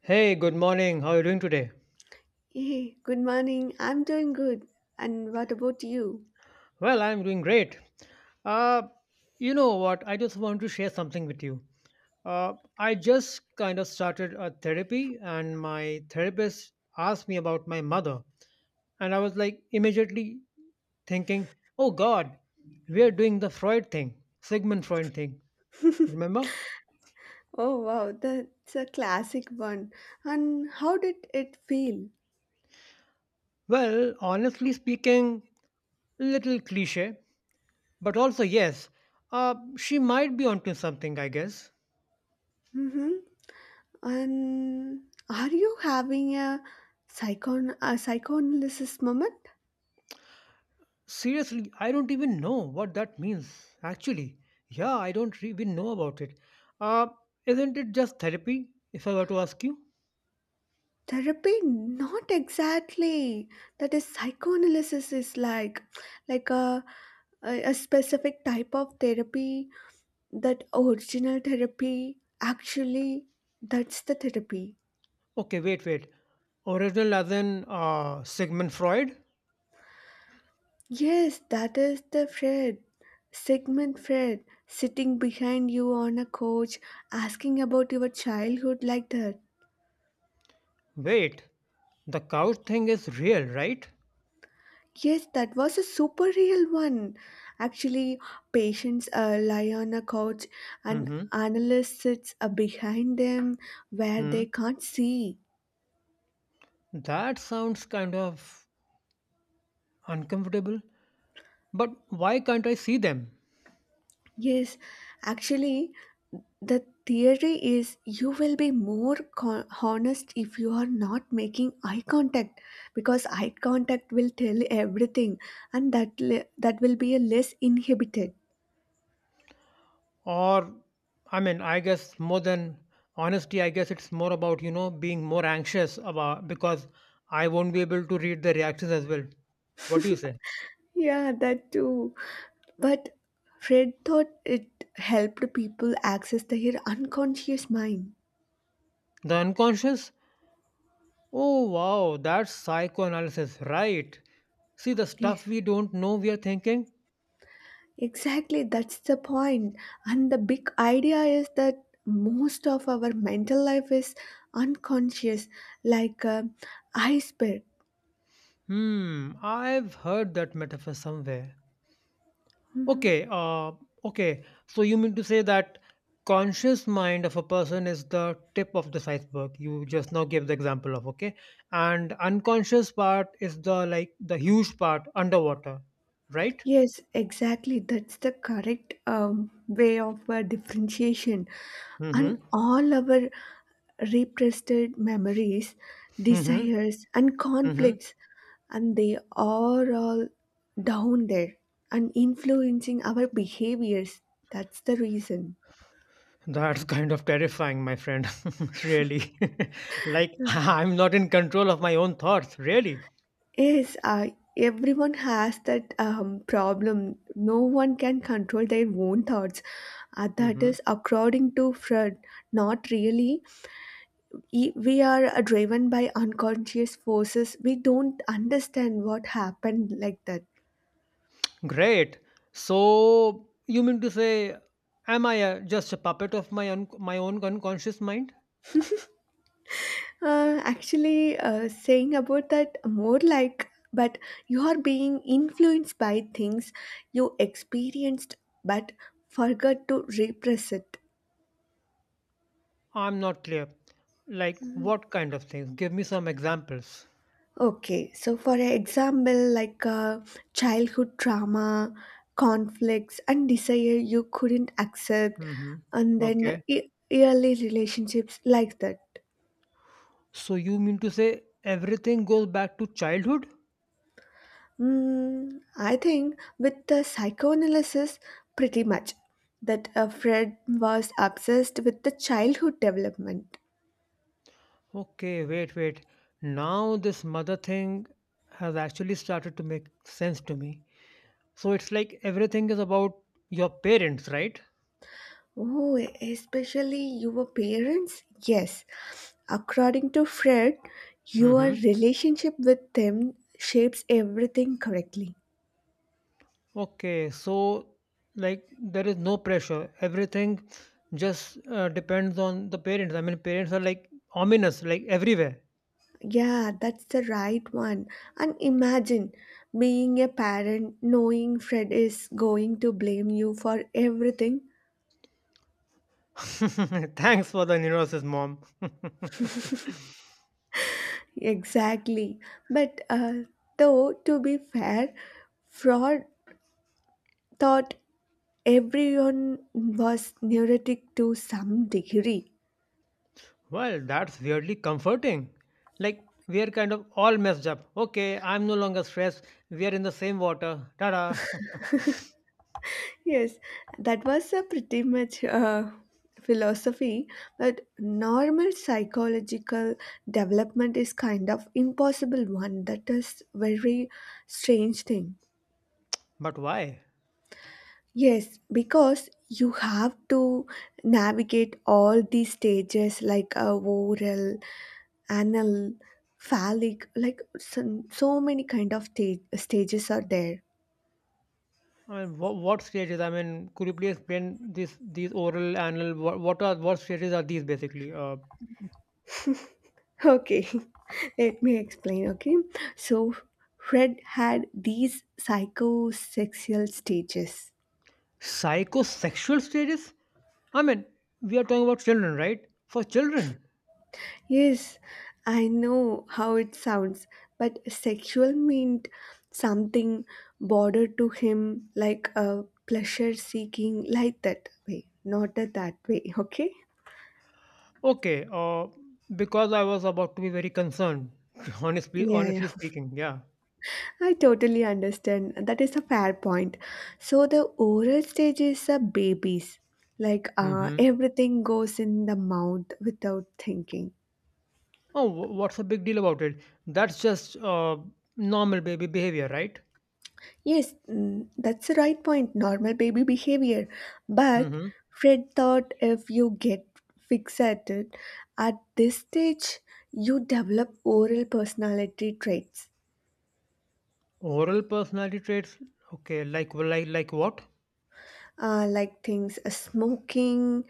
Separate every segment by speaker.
Speaker 1: Hey, good morning. How are you doing today?
Speaker 2: Hey, good morning. I'm doing good. And what about you?
Speaker 1: Well, I'm doing great. Uh, you know what? I just want to share something with you. I just kind of started a therapy, and my therapist asked me about my mother. And I was like immediately thinking, oh God, we are doing the Freud thing, Sigmund Freud thing. Remember?
Speaker 2: Oh wow, that's a classic one. And how did it feel?
Speaker 1: Well, honestly speaking, little cliche, but also, yes, she might be onto something, I guess.
Speaker 2: Mm-hmm. And are you having a psychon a psychoanalysis moment?
Speaker 1: Seriously, I don't even know what that means. Actually, yeah, I don't even know about it. Uh, isn't it just therapy, if I were to ask you?
Speaker 2: Therapy? Not exactly. That is psychoanalysis is like a specific type of therapy. That original therapy actually that's the therapy.
Speaker 1: Okay, wait, wait. Original as in Sigmund Freud?
Speaker 2: Yes, that is the Fred, Sigmund Fred, sitting behind you on a couch, asking about your childhood like that.
Speaker 1: Wait, the couch thing is real, right?
Speaker 2: Yes, that was a super real one. Actually, patients lie on a couch and
Speaker 1: Mm-hmm.
Speaker 2: analyst sits behind them where they
Speaker 1: Hmm.
Speaker 2: can't see.
Speaker 1: That sounds kind of uncomfortable. But why can't I see them?
Speaker 2: Yes, actually, the theory is you will be more honest if you are not making eye contact, because eye contact will tell everything and that will be a less inhibited.
Speaker 1: Or, I mean, I guess more than honesty, I guess it's more about being more anxious about, because I won't be able to read the reactions as well. What do you say?
Speaker 2: Yeah, that too. But Fred thought it helped people access their unconscious mind.
Speaker 1: The unconscious. Oh wow, that's psychoanalysis, right? See, the
Speaker 2: Yeah.
Speaker 1: stuff we don't know we are thinking.
Speaker 2: Exactly, that's the point. And the big idea is that most of our mental life is unconscious, like a iceberg.
Speaker 1: Hmm, I've heard that metaphor somewhere.
Speaker 2: Mhm.
Speaker 1: Okay, okay. So you mean to say that conscious mind of a person is the tip of this iceberg you just now gave the example of, okay? And unconscious part is the like the huge part underwater, right?
Speaker 2: Yes, exactly. That's the correct way of differentiation. And
Speaker 1: Mm-hmm.
Speaker 2: all our repressed memories,
Speaker 1: Mm-hmm.
Speaker 2: desires, and
Speaker 1: Mm-hmm.
Speaker 2: conflicts, and they are all down there and influencing our behaviors. That's the reason.
Speaker 1: That's kind of terrifying, my friend. Really. Like, I'm not in control of my own thoughts, really.
Speaker 2: Yes, everyone has that problem. No one can control their own thoughts. That
Speaker 1: Mm-hmm.
Speaker 2: is according to Freud. Not really. We are driven by unconscious forces. We don't understand what happened like that.
Speaker 1: Great. So you mean to say, am I just a puppet of my my own unconscious mind?
Speaker 2: Saying about that more like, but you are being influenced by things you experienced but forgot to repress it.
Speaker 1: I'm not clear. Like
Speaker 2: Mm-hmm.
Speaker 1: what kind of things? Give me some examples.
Speaker 2: Okay, so for an example, like childhood trauma, conflicts, and desire you couldn't accept,
Speaker 1: Hmm.
Speaker 2: and then
Speaker 1: Okay.
Speaker 2: early relationships like that.
Speaker 1: So you mean to say everything goes back to childhood?
Speaker 2: Mm, I think with the psychoanalysis, pretty much that Fred was obsessed with the childhood development.
Speaker 1: Okay. Wait, wait. Now this mother thing has actually started to make sense to me. So it's like everything is about your parents, right?
Speaker 2: Oh, especially your parents? Yes. According to Fred, your
Speaker 1: Hmm.
Speaker 2: relationship with them shapes everything correctly.
Speaker 1: Okay, so like there is no pressure. Everything just depends on the parents. I mean, parents are like ominous, like everywhere.
Speaker 2: Yeah, that's the right one. And imagine being a parent knowing Fred is going to blame you for everything.
Speaker 1: Thanks for the neurosis, Mom.
Speaker 2: Exactly. But though, to be fair, Fraud thought everyone was neurotic to some degree.
Speaker 1: Well, that's weirdly comforting. Like we are kind of all messed up. Okay, I'm no longer stressed. We are in the same water. Ta-da.
Speaker 2: Yes, that was a pretty much philosophy, but normal psychological development is kind of impossible one. That is very strange thing.
Speaker 1: But why?
Speaker 2: Yes, because you have to navigate all these stages like oral, anal, phallic, like so, so many kind of stages are there.
Speaker 1: I mean, what stages? I mean, could you please explain this? These oral, anal, what stages are these basically?
Speaker 2: Okay, let me explain. Okay, so Fred had these psychosexual stages.
Speaker 1: Psychosexual stages? I mean, we are talking about children, right? For children.
Speaker 2: Yes, I know how it sounds, but sexual meant something bordered to him like a pleasure seeking, like that way, not a that way. Okay,
Speaker 1: Okay, because I was about to be very concerned, honestly,
Speaker 2: yeah, yeah.
Speaker 1: honestly speaking, yeah.
Speaker 2: I totally understand. That is a fair point. So the oral stage is a babies. Like
Speaker 1: Hmm.
Speaker 2: everything goes in the mouth without thinking.
Speaker 1: Oh, what's the big deal about it? That's just normal baby behavior, right?
Speaker 2: Yes, mm, that's the right point. Normal baby behavior. But
Speaker 1: Hmm.
Speaker 2: Fred thought if you get fixated at this stage, you develop oral personality traits
Speaker 1: Oral personality traits? Okay, like, well, like what?
Speaker 2: like things smoking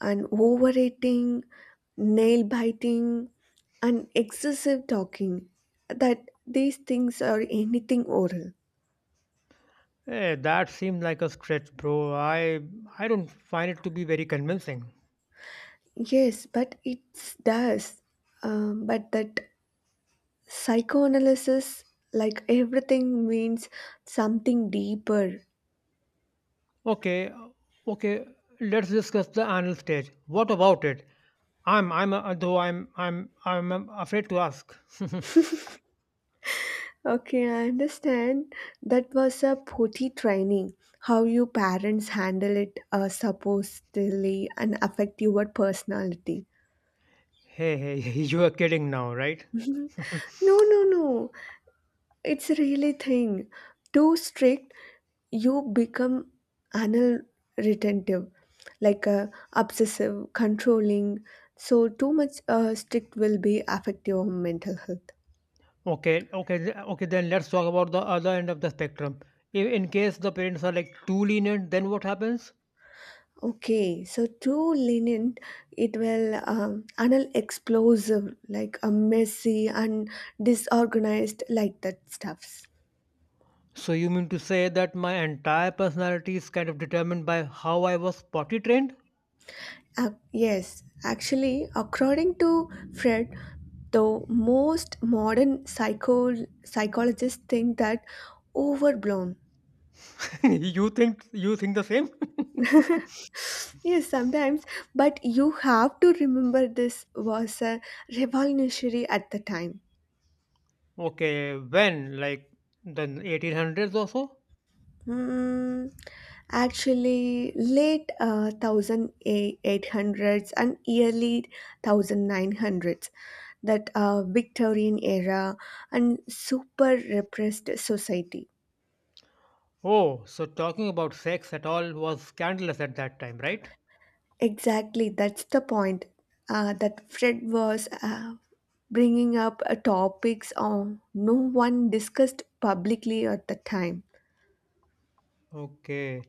Speaker 2: and overeating, nail biting, and excessive talking, that these things are anything oral.
Speaker 1: Eh, that seemed like a stretch, bro. I don't find it to be very convincing.
Speaker 2: Yes, but it does. But that psychoanalysis, like everything, means something deeper.
Speaker 1: Okay, okay. Let's discuss the anal stage. What about it? Though I'm afraid to ask.
Speaker 2: Okay, I understand. That was a potty training. How you parents handle it supposedly and affect your personality.
Speaker 1: Hey, hey, you are kidding now, right?
Speaker 2: no, no, no. It's really thing. Too strict, you become anal retentive, like obsessive, controlling. So too much strict will be affect your mental health.
Speaker 1: Okay, okay, okay. Then let's talk about the other end of the spectrum. If in case the parents are like too lenient, then what happens?
Speaker 2: Okay, so too lenient, it will anal explosive, like a messy and disorganized, like that stuffs.
Speaker 1: So you mean to say that my entire personality is kind of determined by how I was potty trained?
Speaker 2: Yes, actually, according to Fred, the most modern psycho psychologists think that overblown.
Speaker 1: You think the same?
Speaker 2: Yes, sometimes, but you have to remember this was a revolutionary at the time.
Speaker 1: Okay, when, like, the 1800s or so?
Speaker 2: Hmm, actually, late 1800s and early 1900s, that Victorian era and super repressed society.
Speaker 1: Oh, so talking about sex at all was scandalous at that time, right?
Speaker 2: Exactly, that's the point that Fred was bringing up topics on no one discussed publicly at the time.
Speaker 1: Okay.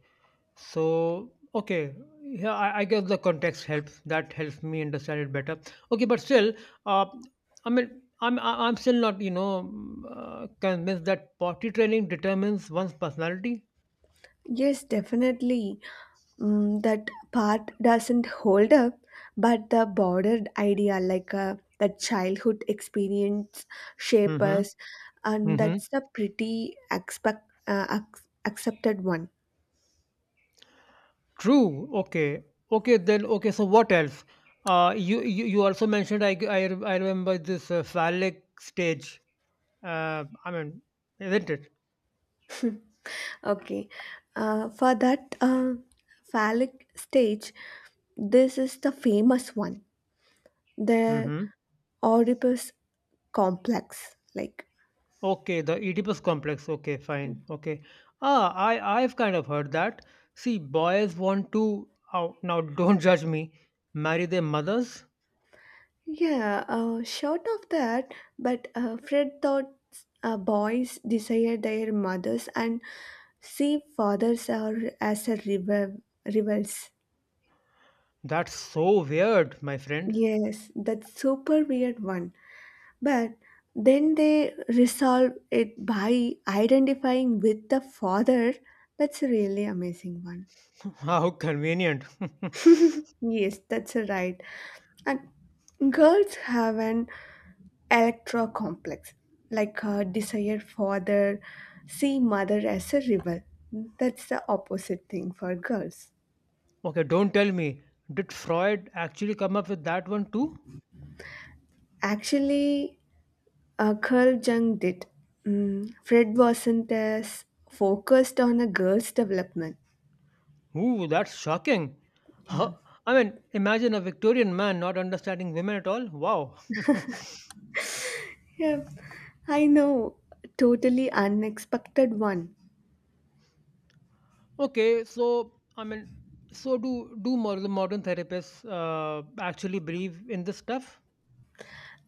Speaker 1: So, okay. Yeah, I guess the context helps. That helps me understand it better. Okay, but still, uh, I mean, I'm still not, convinced that potty training determines one's personality.
Speaker 2: Yes, definitely. Mm, that part doesn't hold up, but the broader idea, like that childhood experience, shape
Speaker 1: Mm-hmm.
Speaker 2: us, and
Speaker 1: Mm-hmm.
Speaker 2: that's a pretty accepted one.
Speaker 1: True. Okay. Okay. Then. Okay. So what else? You also mentioned I remember this phallic stage. I mean, isn't it?
Speaker 2: Okay, for that phallic stage, this is the famous one, the
Speaker 1: Mm-hmm.
Speaker 2: Oedipus complex. Like
Speaker 1: Okay, the Oedipus complex. Okay, fine. Okay. Ah, I've kind of heard that. See, boys want to, oh, now, don't judge me, marry their mothers.
Speaker 2: Yeah, short of that, but Fred thought boys desire their mothers and see fathers are as a rivals.
Speaker 1: That's so weird, my friend.
Speaker 2: Yes, that super weird one. But then they resolve it by identifying with the father. That's a really amazing one.
Speaker 1: How convenient.
Speaker 2: Yes, that's right. And girls have an Electra complex, like her desire for the see mother as a rival. That's the opposite thing for girls.
Speaker 1: Okay, don't tell me. Did Freud actually come up with that one too?
Speaker 2: Actually, Carl Jung did. Mm, Fred wasn't as focused on a girl's development.
Speaker 1: Ooh, that's shocking.
Speaker 2: Yeah.
Speaker 1: Huh? I mean, imagine a Victorian man not understanding women at all. Wow.
Speaker 2: Yeah, I know. Totally unexpected one.
Speaker 1: Okay, so I mean, so do modern therapists actually believe in this stuff?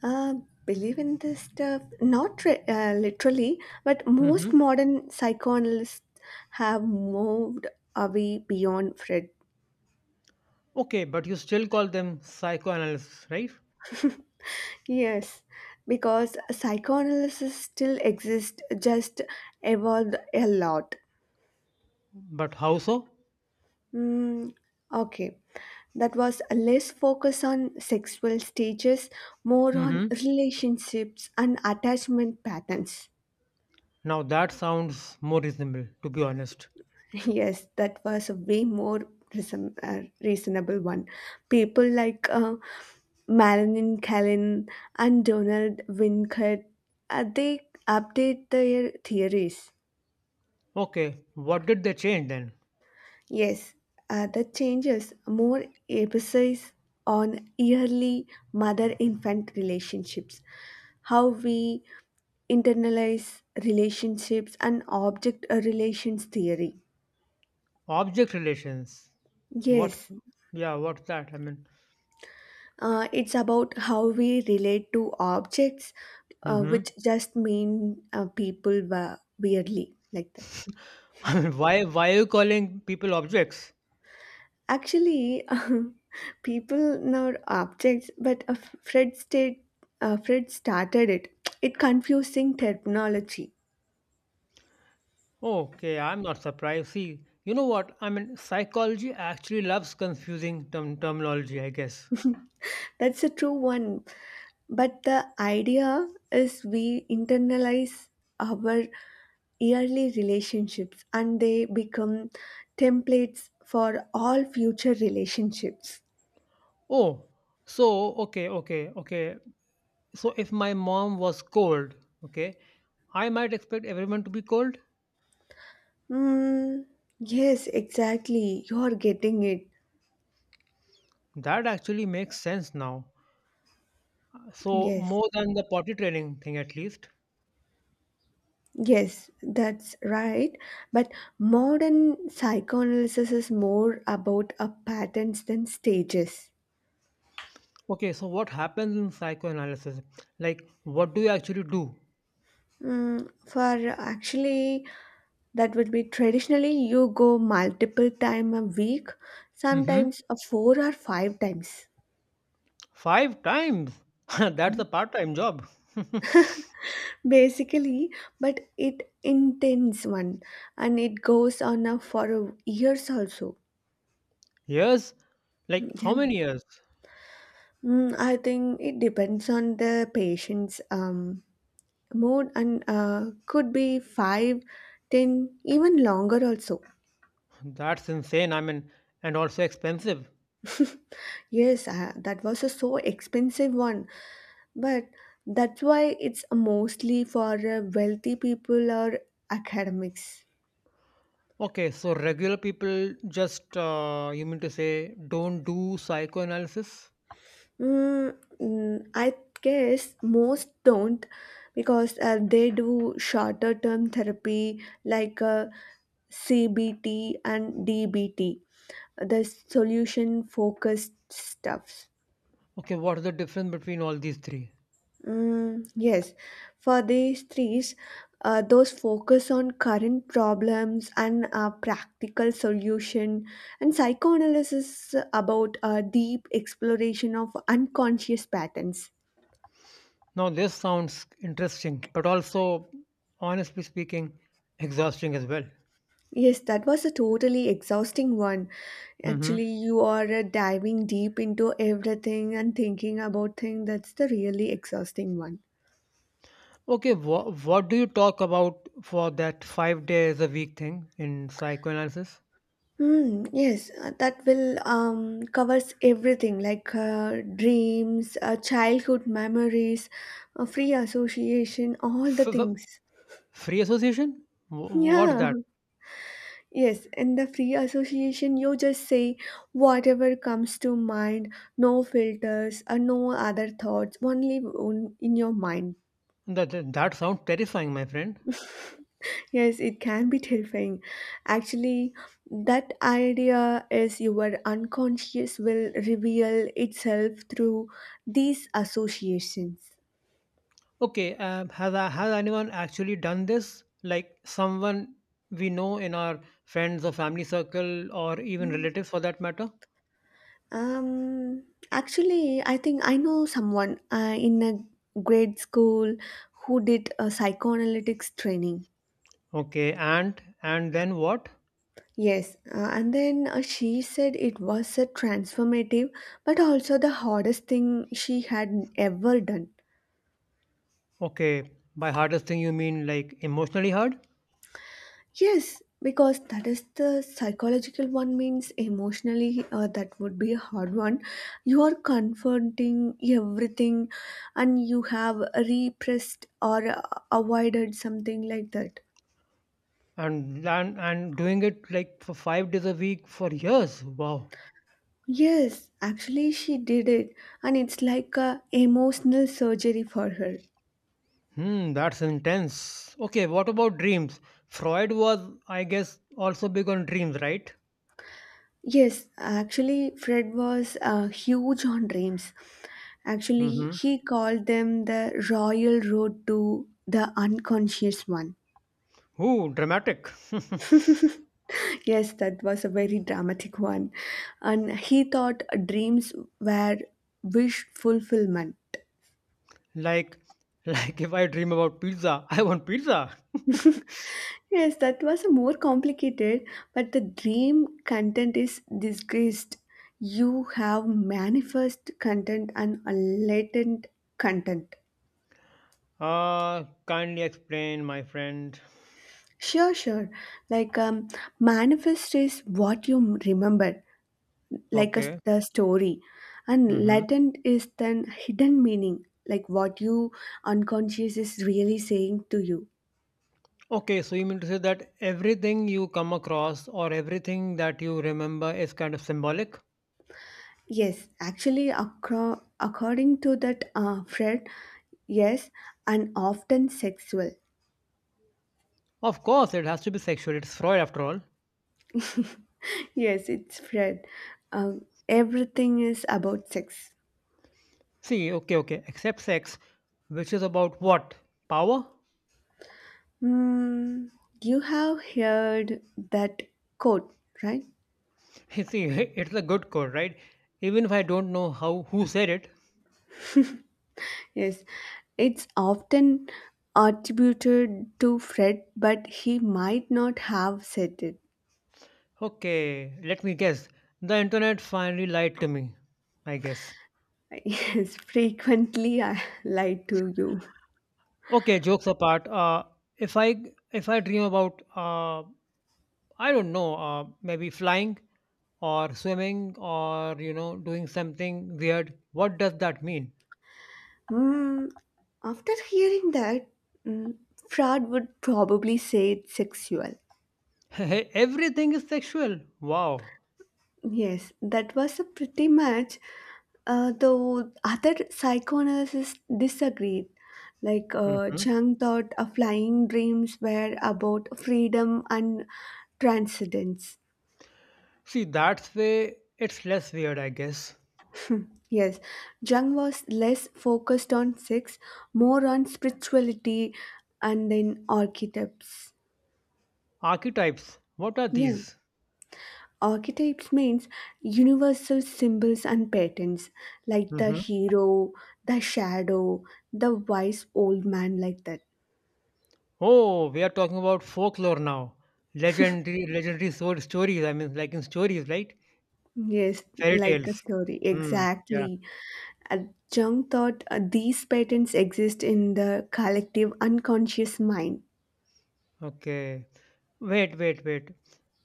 Speaker 2: Uh, Believe in this stuff, not literally, but most
Speaker 1: Hmm.
Speaker 2: modern psychoanalysts have moved away beyond Freud.
Speaker 1: Okay, but you still call them psychoanalysts, right?
Speaker 2: Yes, because psychoanalysis still exists, just evolved a lot.
Speaker 1: But how so?
Speaker 2: Mm, okay, that was less focus on sexual stages, more on
Speaker 1: Hmm.
Speaker 2: relationships and attachment patterns.
Speaker 1: Now that sounds more reasonable, to be honest.
Speaker 2: Yes, that was a way more reasonable one. People like Marilyn Callen and Donald Winnicott, they update their theories.
Speaker 1: Okay, what did they change then?
Speaker 2: Yes, the changes more emphasis on yearly mother-infant relationships, how we internalize relationships and object relations theory.
Speaker 1: Object relations. What?
Speaker 2: Yes.
Speaker 1: Yeah, what's that? I mean,
Speaker 2: It's about how we relate to objects,
Speaker 1: hmm.
Speaker 2: which just mean people weirdly like that.
Speaker 1: I mean, why are you calling people objects?
Speaker 2: Actually, people now are objects, but Fred state Fred started it. It confusing terminology.
Speaker 1: Okay, I'm not surprised. See, you know what? I mean, psychology actually loves confusing terminology, I guess.
Speaker 2: That's a true one. But the idea is we internalize our early relationships and they become templates for all future relationships.
Speaker 1: Oh, so, okay, okay, okay. So, if my mom was cold, okay, I might expect everyone to be cold.
Speaker 2: Hmm. Yes, exactly. You're getting it.
Speaker 1: That actually makes sense now. So,
Speaker 2: Yes.
Speaker 1: more than the potty training thing, at least.
Speaker 2: Yes, that's right. But modern psychoanalysis is more about a patterns than stages.
Speaker 1: Okay, so what happens in psychoanalysis? Like, what do you actually do?
Speaker 2: Mm, for actually, that would be traditionally you go multiple time a week,
Speaker 1: Mm-hmm.
Speaker 2: sometimes a four or five times.
Speaker 1: Five times. That's a
Speaker 2: Mm.
Speaker 1: part time job.
Speaker 2: Basically, but it intense one, and it goes on a for a years also.
Speaker 1: Years? Like
Speaker 2: Yeah.
Speaker 1: how many years?
Speaker 2: Mm, I think it depends on the patient's mood and could be five, ten, even longer also.
Speaker 1: That's insane. I mean, and also expensive.
Speaker 2: Yes, that was a so expensive one. But that's why it's mostly for wealthy people or academics.
Speaker 1: Okay, so regular people just, you mean to say, don't do psychoanalysis?
Speaker 2: I guess most don't because they do shorter term therapy like CBT and DBT, the solution focused stuff.
Speaker 1: Okay, what's the difference between all these three?
Speaker 2: Mm, yes, for these threes, those focus on current problems and practical solution, and psychoanalysis about deep exploration of unconscious patterns.
Speaker 1: Now, this sounds interesting, but also, honestly speaking, exhausting as well.
Speaker 2: Yes, that was a totally exhausting one.
Speaker 1: Mm-hmm.
Speaker 2: Actually, you are diving deep into everything and thinking about things. That's the really exhausting one.
Speaker 1: Okay, what do you talk about for that 5 days a week thing in psychoanalysis?
Speaker 2: Hmm. Yes, that will covers everything like dreams, childhood memories, free association, all the
Speaker 1: F- f-
Speaker 2: things.
Speaker 1: Free association? What's
Speaker 2: Yeah,
Speaker 1: that?
Speaker 2: yes, in the free association, you just say whatever comes to mind, no filters, or no other thoughts, only in your mind.
Speaker 1: That sounds terrifying, my friend.
Speaker 2: Yes, it can be terrifying. Actually, that idea is your unconscious will reveal itself through these associations.
Speaker 1: Okay, has has anyone actually done this? Like someone we know in our friends or family circle, or even relatives for that matter.
Speaker 2: Um, Actually, I think I know someone in a grade school who did a psychoanalytics training.
Speaker 1: Okay, and then what?
Speaker 2: Yes, and then she said it was a transformative, but also the hardest thing she had ever done.
Speaker 1: Okay, by hardest thing you mean like emotionally hard,
Speaker 2: Yes, because that is the psychological one means emotionally that would be a hard one. You are confronting everything and you have repressed or avoided something like that.
Speaker 1: and doing it like for 5 days a week for years. Wow.
Speaker 2: Yes, actually she did it and it's like a emotional surgery for her.
Speaker 1: Hmm, that's intense. Okay, what about dreams? Freud was, I guess, also big on dreams, right?
Speaker 2: Yes, actually Fred was huge on dreams. Actually,
Speaker 1: Mm-hmm.
Speaker 2: he called them the royal road to the unconscious one.
Speaker 1: Ooh, dramatic.
Speaker 2: Yes, that was a very dramatic one. And he thought dreams were wish fulfillment.
Speaker 1: like, like if I dream about pizza, I want pizza.
Speaker 2: Yes, that was a more complicated, but the dream content is disgraced. You have manifest content and a latent content.
Speaker 1: Kindly explain, my friend.
Speaker 2: Sure, sure. Like manifest is what you remember, like a
Speaker 1: Okay.
Speaker 2: the story, and
Speaker 1: Mm-hmm.
Speaker 2: latent is then hidden meaning like what you unconscious is really saying to you.
Speaker 1: Okay, so you mean to say that everything you come across or everything that you remember is kind of symbolic?
Speaker 2: Yes, actually according to that fred, yes, and often sexual.
Speaker 1: Of course, it has to be sexual. It's Freud after all.
Speaker 2: Yes, it's fred. Everything is about sex.
Speaker 1: See, okay, okay, except sex, which is about what? Power?
Speaker 2: Hmm, you have heard that quote, right?
Speaker 1: See, it's a good code, right? Even if I don't know how who said it,
Speaker 2: Yes, it's often attributed to Fred, but he might not have said it.
Speaker 1: okay, let me guess. The internet finally lied to me, I guess.
Speaker 2: Yes, frequently I lied to you.
Speaker 1: Okay, jokes apart. If I if I dream about I don't know, maybe flying or swimming or doing something weird. What does that mean?
Speaker 2: Hmm. After hearing that, mm, Fred would probably say it's sexual.
Speaker 1: Everything is sexual. Wow.
Speaker 2: Yes, that was a pretty much. Though other psychoanalysts disagreed. Like
Speaker 1: Hmm.
Speaker 2: Jung thought flying dreams were about freedom and transcendence.
Speaker 1: See, that's way it's less weird, I guess.
Speaker 2: Yes, Jung was less focused on sex, more on spirituality and then archetypes.
Speaker 1: Archetypes. What are
Speaker 2: Yeah.
Speaker 1: these?
Speaker 2: Archetypes means universal symbols and patterns, like the
Speaker 1: Mhm.
Speaker 2: hero, the shadow, the wise old man, like that.
Speaker 1: Oh, we are talking about folklore now. Legendary, legendary sword stories. I mean, like in stories, right?
Speaker 2: Yes,
Speaker 1: Fairy
Speaker 2: like a
Speaker 1: tales.
Speaker 2: story,
Speaker 1: Hmm. Yeah.
Speaker 2: exactly. A Jung thought these patterns exist in the collective unconscious mind.
Speaker 1: Okay. Wait, wait, wait.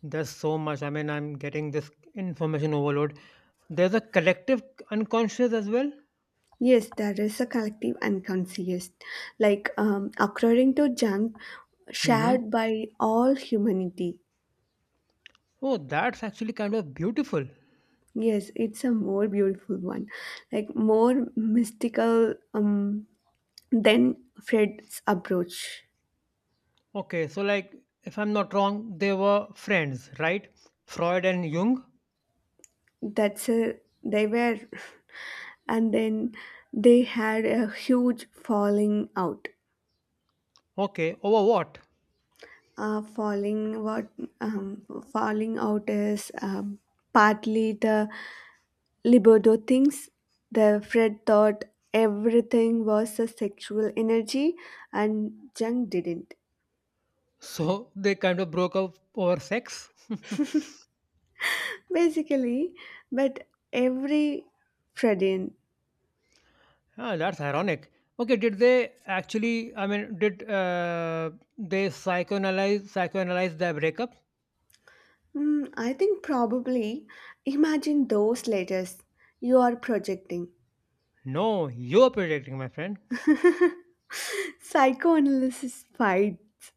Speaker 1: There's so much. I mean, I'm getting this information overload. There's a collective unconscious as well.
Speaker 2: Yes, there is a collective unconscious, like according to Jung,
Speaker 1: Mm-hmm.
Speaker 2: shared by all humanity.
Speaker 1: Oh, that's actually kind of beautiful.
Speaker 2: Yes, it's a more beautiful one, like more mystical than Fred's approach.
Speaker 1: Okay, so like, if I'm not wrong, they were friends, right? Freud and Jung.
Speaker 2: That's a They were, and then they had a huge falling out.
Speaker 1: Okay, over what?
Speaker 2: Uh, falling what um, falling out is partly the libido things. The Fred thought everything was a sexual energy, and Jung didn't.
Speaker 1: So they kind of broke up over sex.
Speaker 2: Basically, but every Fredin,
Speaker 1: Ah, that's ironic. Okay, did they actually? I mean, did they psychoanalyze their breakup?
Speaker 2: I think probably imagine those letters you are projecting.
Speaker 1: No, you're predicting, my friend.
Speaker 2: Psychoanalysis fights.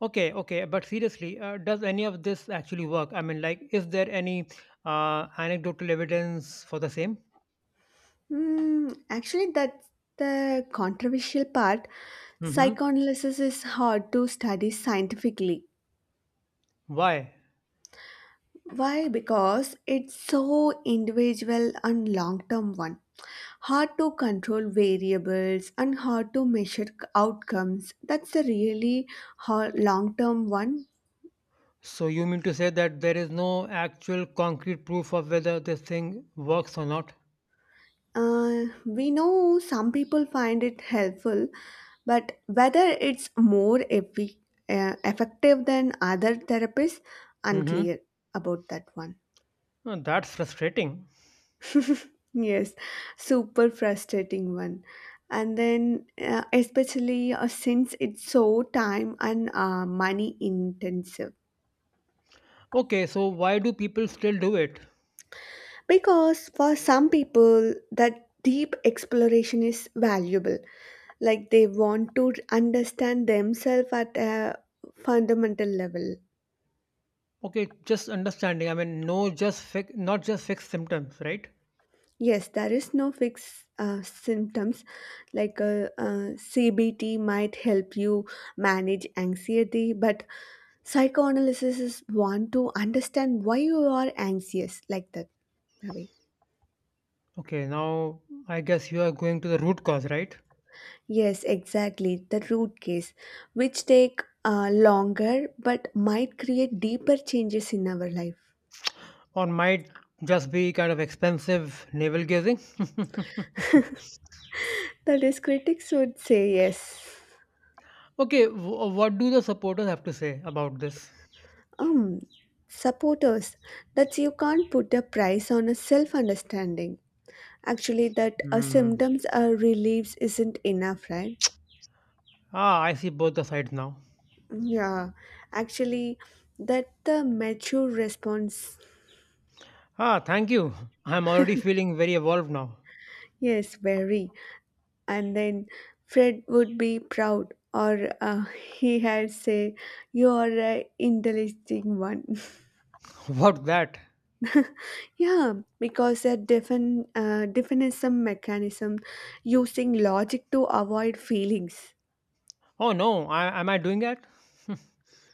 Speaker 1: Okay, okay, but seriously, does any of this actually work? I mean, like, is there any anecdotal evidence for the same?
Speaker 2: Actually, that's the controversial part.
Speaker 1: Mm-hmm.
Speaker 2: Psychoanalysis is hard to study scientifically.
Speaker 1: Why?
Speaker 2: Why? Because it's so individual and long term one. Hard to control variables and hard to measure outcomes. That's a really hard long term one.
Speaker 1: So you mean to say that there is no actual concrete proof of whether this thing works or not?
Speaker 2: We know some people find it helpful, but whether it's more effective than other therapists,
Speaker 1: Mm-hmm.
Speaker 2: unclear about that one.
Speaker 1: Huh, that's frustrating.
Speaker 2: Yes, super frustrating one. And then, especially since it's so time and money intensive.
Speaker 1: Okay, so why do people still do it?
Speaker 2: Because for some people, that deep exploration is valuable. Like they want to understand themselves at a fundamental level.
Speaker 1: Okay, just understanding. I mean, no, just fix, not just fix symptoms, right?
Speaker 2: Yes, there is no fixed symptoms. Like CBT might help you manage anxiety, but psychoanalysis is one to understand why you are anxious like that. Ravi.
Speaker 1: Okay, now I guess you are going to the root cause, right?
Speaker 2: Yes, exactly. The root case, which take longer but might create deeper changes in our life.
Speaker 1: Or might just be kind of expensive navel gazing.
Speaker 2: That is, critics would say yes.
Speaker 1: Okay, what do the supporters have to say about this?
Speaker 2: Um, Supporters, that you can't put a price on a self understanding. Actually, that
Speaker 1: Hmm.
Speaker 2: symptoms are relieves isn't enough, right?
Speaker 1: Ah, I see both the sides now.
Speaker 2: Yeah, actually, that the mature response,
Speaker 1: Ah, thank you. I'm already feeling very evolved now.
Speaker 2: yes, very. And then Fred would be proud, or he had say, "You are a intelligent one."
Speaker 1: What that?
Speaker 2: yeah, because a definism mechanism using logic to avoid feelings.
Speaker 1: Oh no, am I doing that?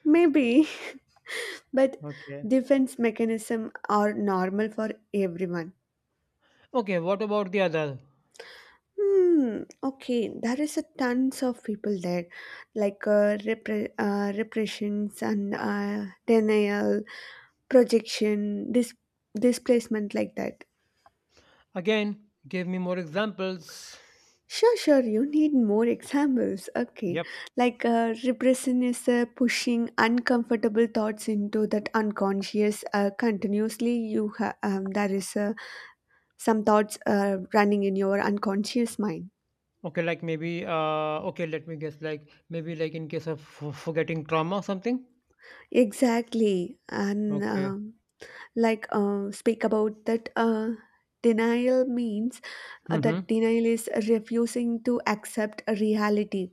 Speaker 2: Maybe, but
Speaker 1: Okay.
Speaker 2: defense mechanism are normal for everyone.
Speaker 1: Okay, what about the other?
Speaker 2: Hmm. Okay, there is a tons of people there, like repressions and denial, projection, displacement, like that.
Speaker 1: Again, give me more examples.
Speaker 2: Sure, sure. You need more examples. Okay,
Speaker 1: Yep.
Speaker 2: like repression is pushing uncomfortable thoughts into that unconscious. Continuously, you there is some thoughts running in your unconscious mind.
Speaker 1: Okay, like maybe, okay, let me guess, like maybe like in case of f forgetting trauma or something?
Speaker 2: Exactly, and.
Speaker 1: Okay.
Speaker 2: Like speak about that denial means
Speaker 1: Mm-hmm.
Speaker 2: that denial is refusing to accept a reality,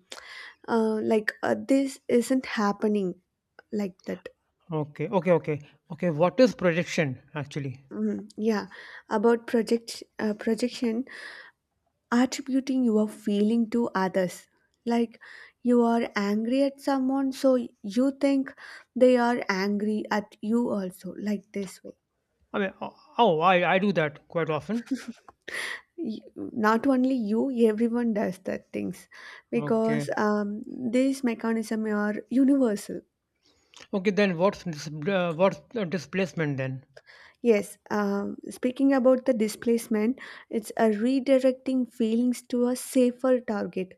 Speaker 2: like this isn't happening like that.
Speaker 1: Okay, okay, okay. Okay, what is projection actually?
Speaker 2: Mhm. Yeah, about projection, attributing your feeling to others, like you are angry at someone, so you think they are angry at you also, like this way.
Speaker 1: I mean, oh, oh, I do that quite often.
Speaker 2: y- Not only you, everyone does that things, because
Speaker 1: Okay.
Speaker 2: these mechanism are universal.
Speaker 1: Okay, then what's the displacement then?
Speaker 2: Yes, speaking about the displacement, it's a redirecting feelings to a safer target.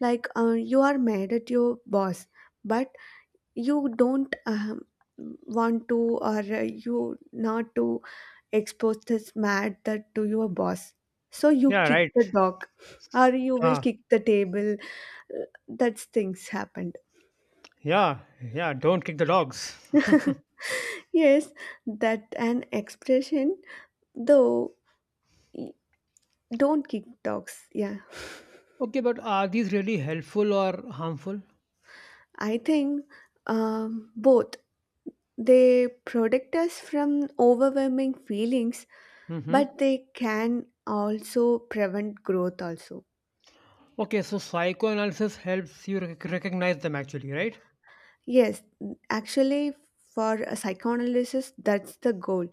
Speaker 2: Like you are mad at your boss, but you don't want to, or you not to expose this mad that to your boss, so you
Speaker 1: Yeah,
Speaker 2: kick
Speaker 1: right.
Speaker 2: the dog or you will
Speaker 1: Ah,
Speaker 2: kick the table. That's things happened.
Speaker 1: yeah, yeah, don't kick the dogs.
Speaker 2: yes, that an expression though. y- don't kick dogs, yeah.
Speaker 1: Okay, but are these really helpful or harmful?
Speaker 2: I think both. They protect us from overwhelming feelings,
Speaker 1: Mm-hmm.
Speaker 2: but they can also prevent growth also.
Speaker 1: Okay, so psychoanalysis helps you recognize them actually, right?
Speaker 2: Yes, actually, for a psychoanalysis that's the goal: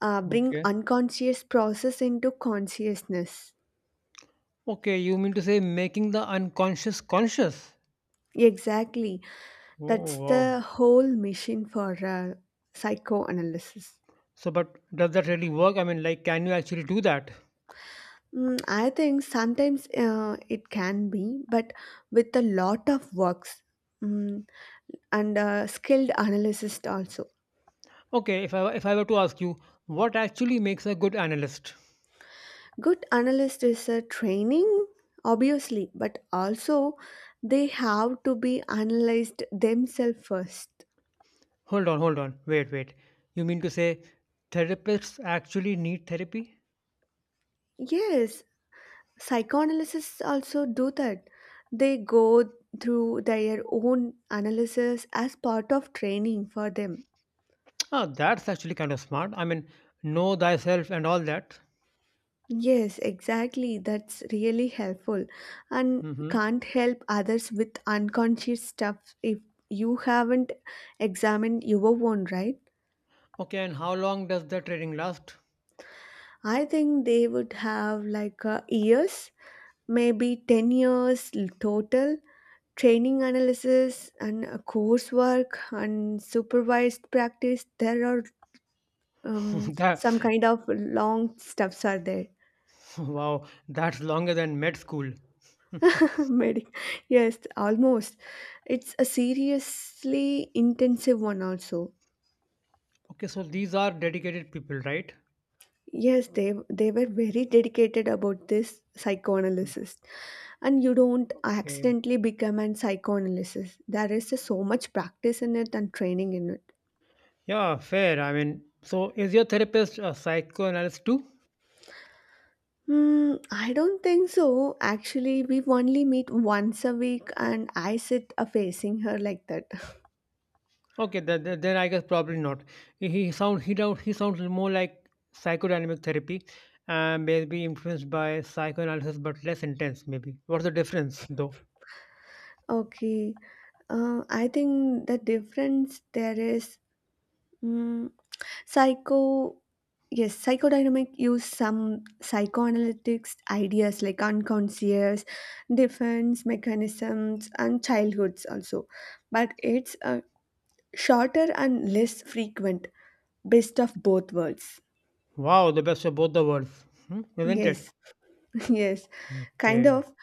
Speaker 2: bring
Speaker 1: Okay.
Speaker 2: unconscious process into consciousness.
Speaker 1: Okay, you mean to say making the unconscious conscious?
Speaker 2: Exactly.
Speaker 1: Oh,
Speaker 2: That's
Speaker 1: wow.
Speaker 2: the whole mission for psychoanalysis.
Speaker 1: So, but does that really work? I mean, like, can you actually do that?
Speaker 2: I think sometimes it can be, but with a lot of works, mm, and skilled analyst also.
Speaker 1: Okay, if I were to ask you, what actually makes a good analyst?
Speaker 2: Good analyst is a training, obviously, but also they have to be analyzed themselves first.
Speaker 1: Hold on, hold on, wait, wait. You mean to say therapists actually need therapy?
Speaker 2: Yes, psychoanalysts also do that. They go through their own analysis as part of training for them.
Speaker 1: Ah, that's actually kind of smart. I mean, know thyself and all that.
Speaker 2: Yes, exactly, that's really helpful, and
Speaker 1: Mm-hmm.
Speaker 2: can't help others with unconscious stuff if you haven't examined your own, right?
Speaker 1: Okay, and how long does the training last?
Speaker 2: I think they would have like years, maybe 10 years total, training analysis and coursework and supervised practice. There are
Speaker 1: that,
Speaker 2: some kind of long steps are there.
Speaker 1: wow, that's longer than med school. Okay,
Speaker 2: Medi- yes, almost. It's a seriously intensive one also.
Speaker 1: so these are dedicated people, right?
Speaker 2: Yes, they were very dedicated about this
Speaker 1: Mm.
Speaker 2: psychoanalysis, and you don't
Speaker 1: Okay.
Speaker 2: accidentally become an psychoanalysis. There is so much practice in it and training in it.
Speaker 1: Yeah, fair. I mean, so is your therapist a psychoanalyst too?
Speaker 2: Hmm, I don't think so. Actually, we only meet once a week, and I sit facing her like that.
Speaker 1: Okay, then, then I guess probably not. He sound he don't he sounds more like psychodynamic therapy, and maybe influenced by psychoanalysis, but less intense. Maybe. What's the difference, though?
Speaker 2: Okay. I think the difference there is, mm, psycho. Yes, psychodynamic use some psychoanalytics ideas like unconscious, defense mechanisms, and childhoods also, but it's shorter and less frequent. Best of both worlds.
Speaker 1: Wow, the best of both the worlds, hmm, isn't it?
Speaker 2: Yes, yes, kind
Speaker 1: Okay.
Speaker 2: of,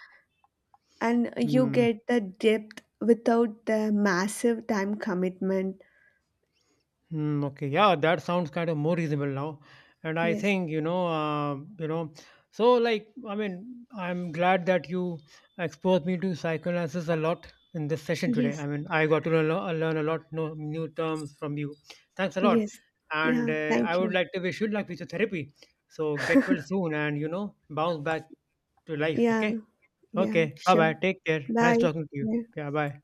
Speaker 2: and you
Speaker 1: Hmm.
Speaker 2: get the depth without the massive time commitment.
Speaker 1: Hmm, okay, yeah, that sounds kind of more reasonable now. And I
Speaker 2: Yes.
Speaker 1: think, so, like, I mean, I'm glad that you exposed me to psychoanalysis a lot in this session today.
Speaker 2: Yes.
Speaker 1: I mean, I got to learn, learn a lot, no, new terms from you. Thanks a lot.
Speaker 2: Yes.
Speaker 1: And
Speaker 2: Yeah.
Speaker 1: I
Speaker 2: Thank
Speaker 1: would
Speaker 2: you.
Speaker 1: like to wish you luck with your therapy. So get well soon and, bounce back to life,
Speaker 2: Yeah.
Speaker 1: okay?
Speaker 2: Yeah.
Speaker 1: Okay, bye
Speaker 2: Sure.
Speaker 1: bye. Take care. Nice
Speaker 2: Bye.
Speaker 1: talking to you.
Speaker 2: Bye.
Speaker 1: Yeah, bye.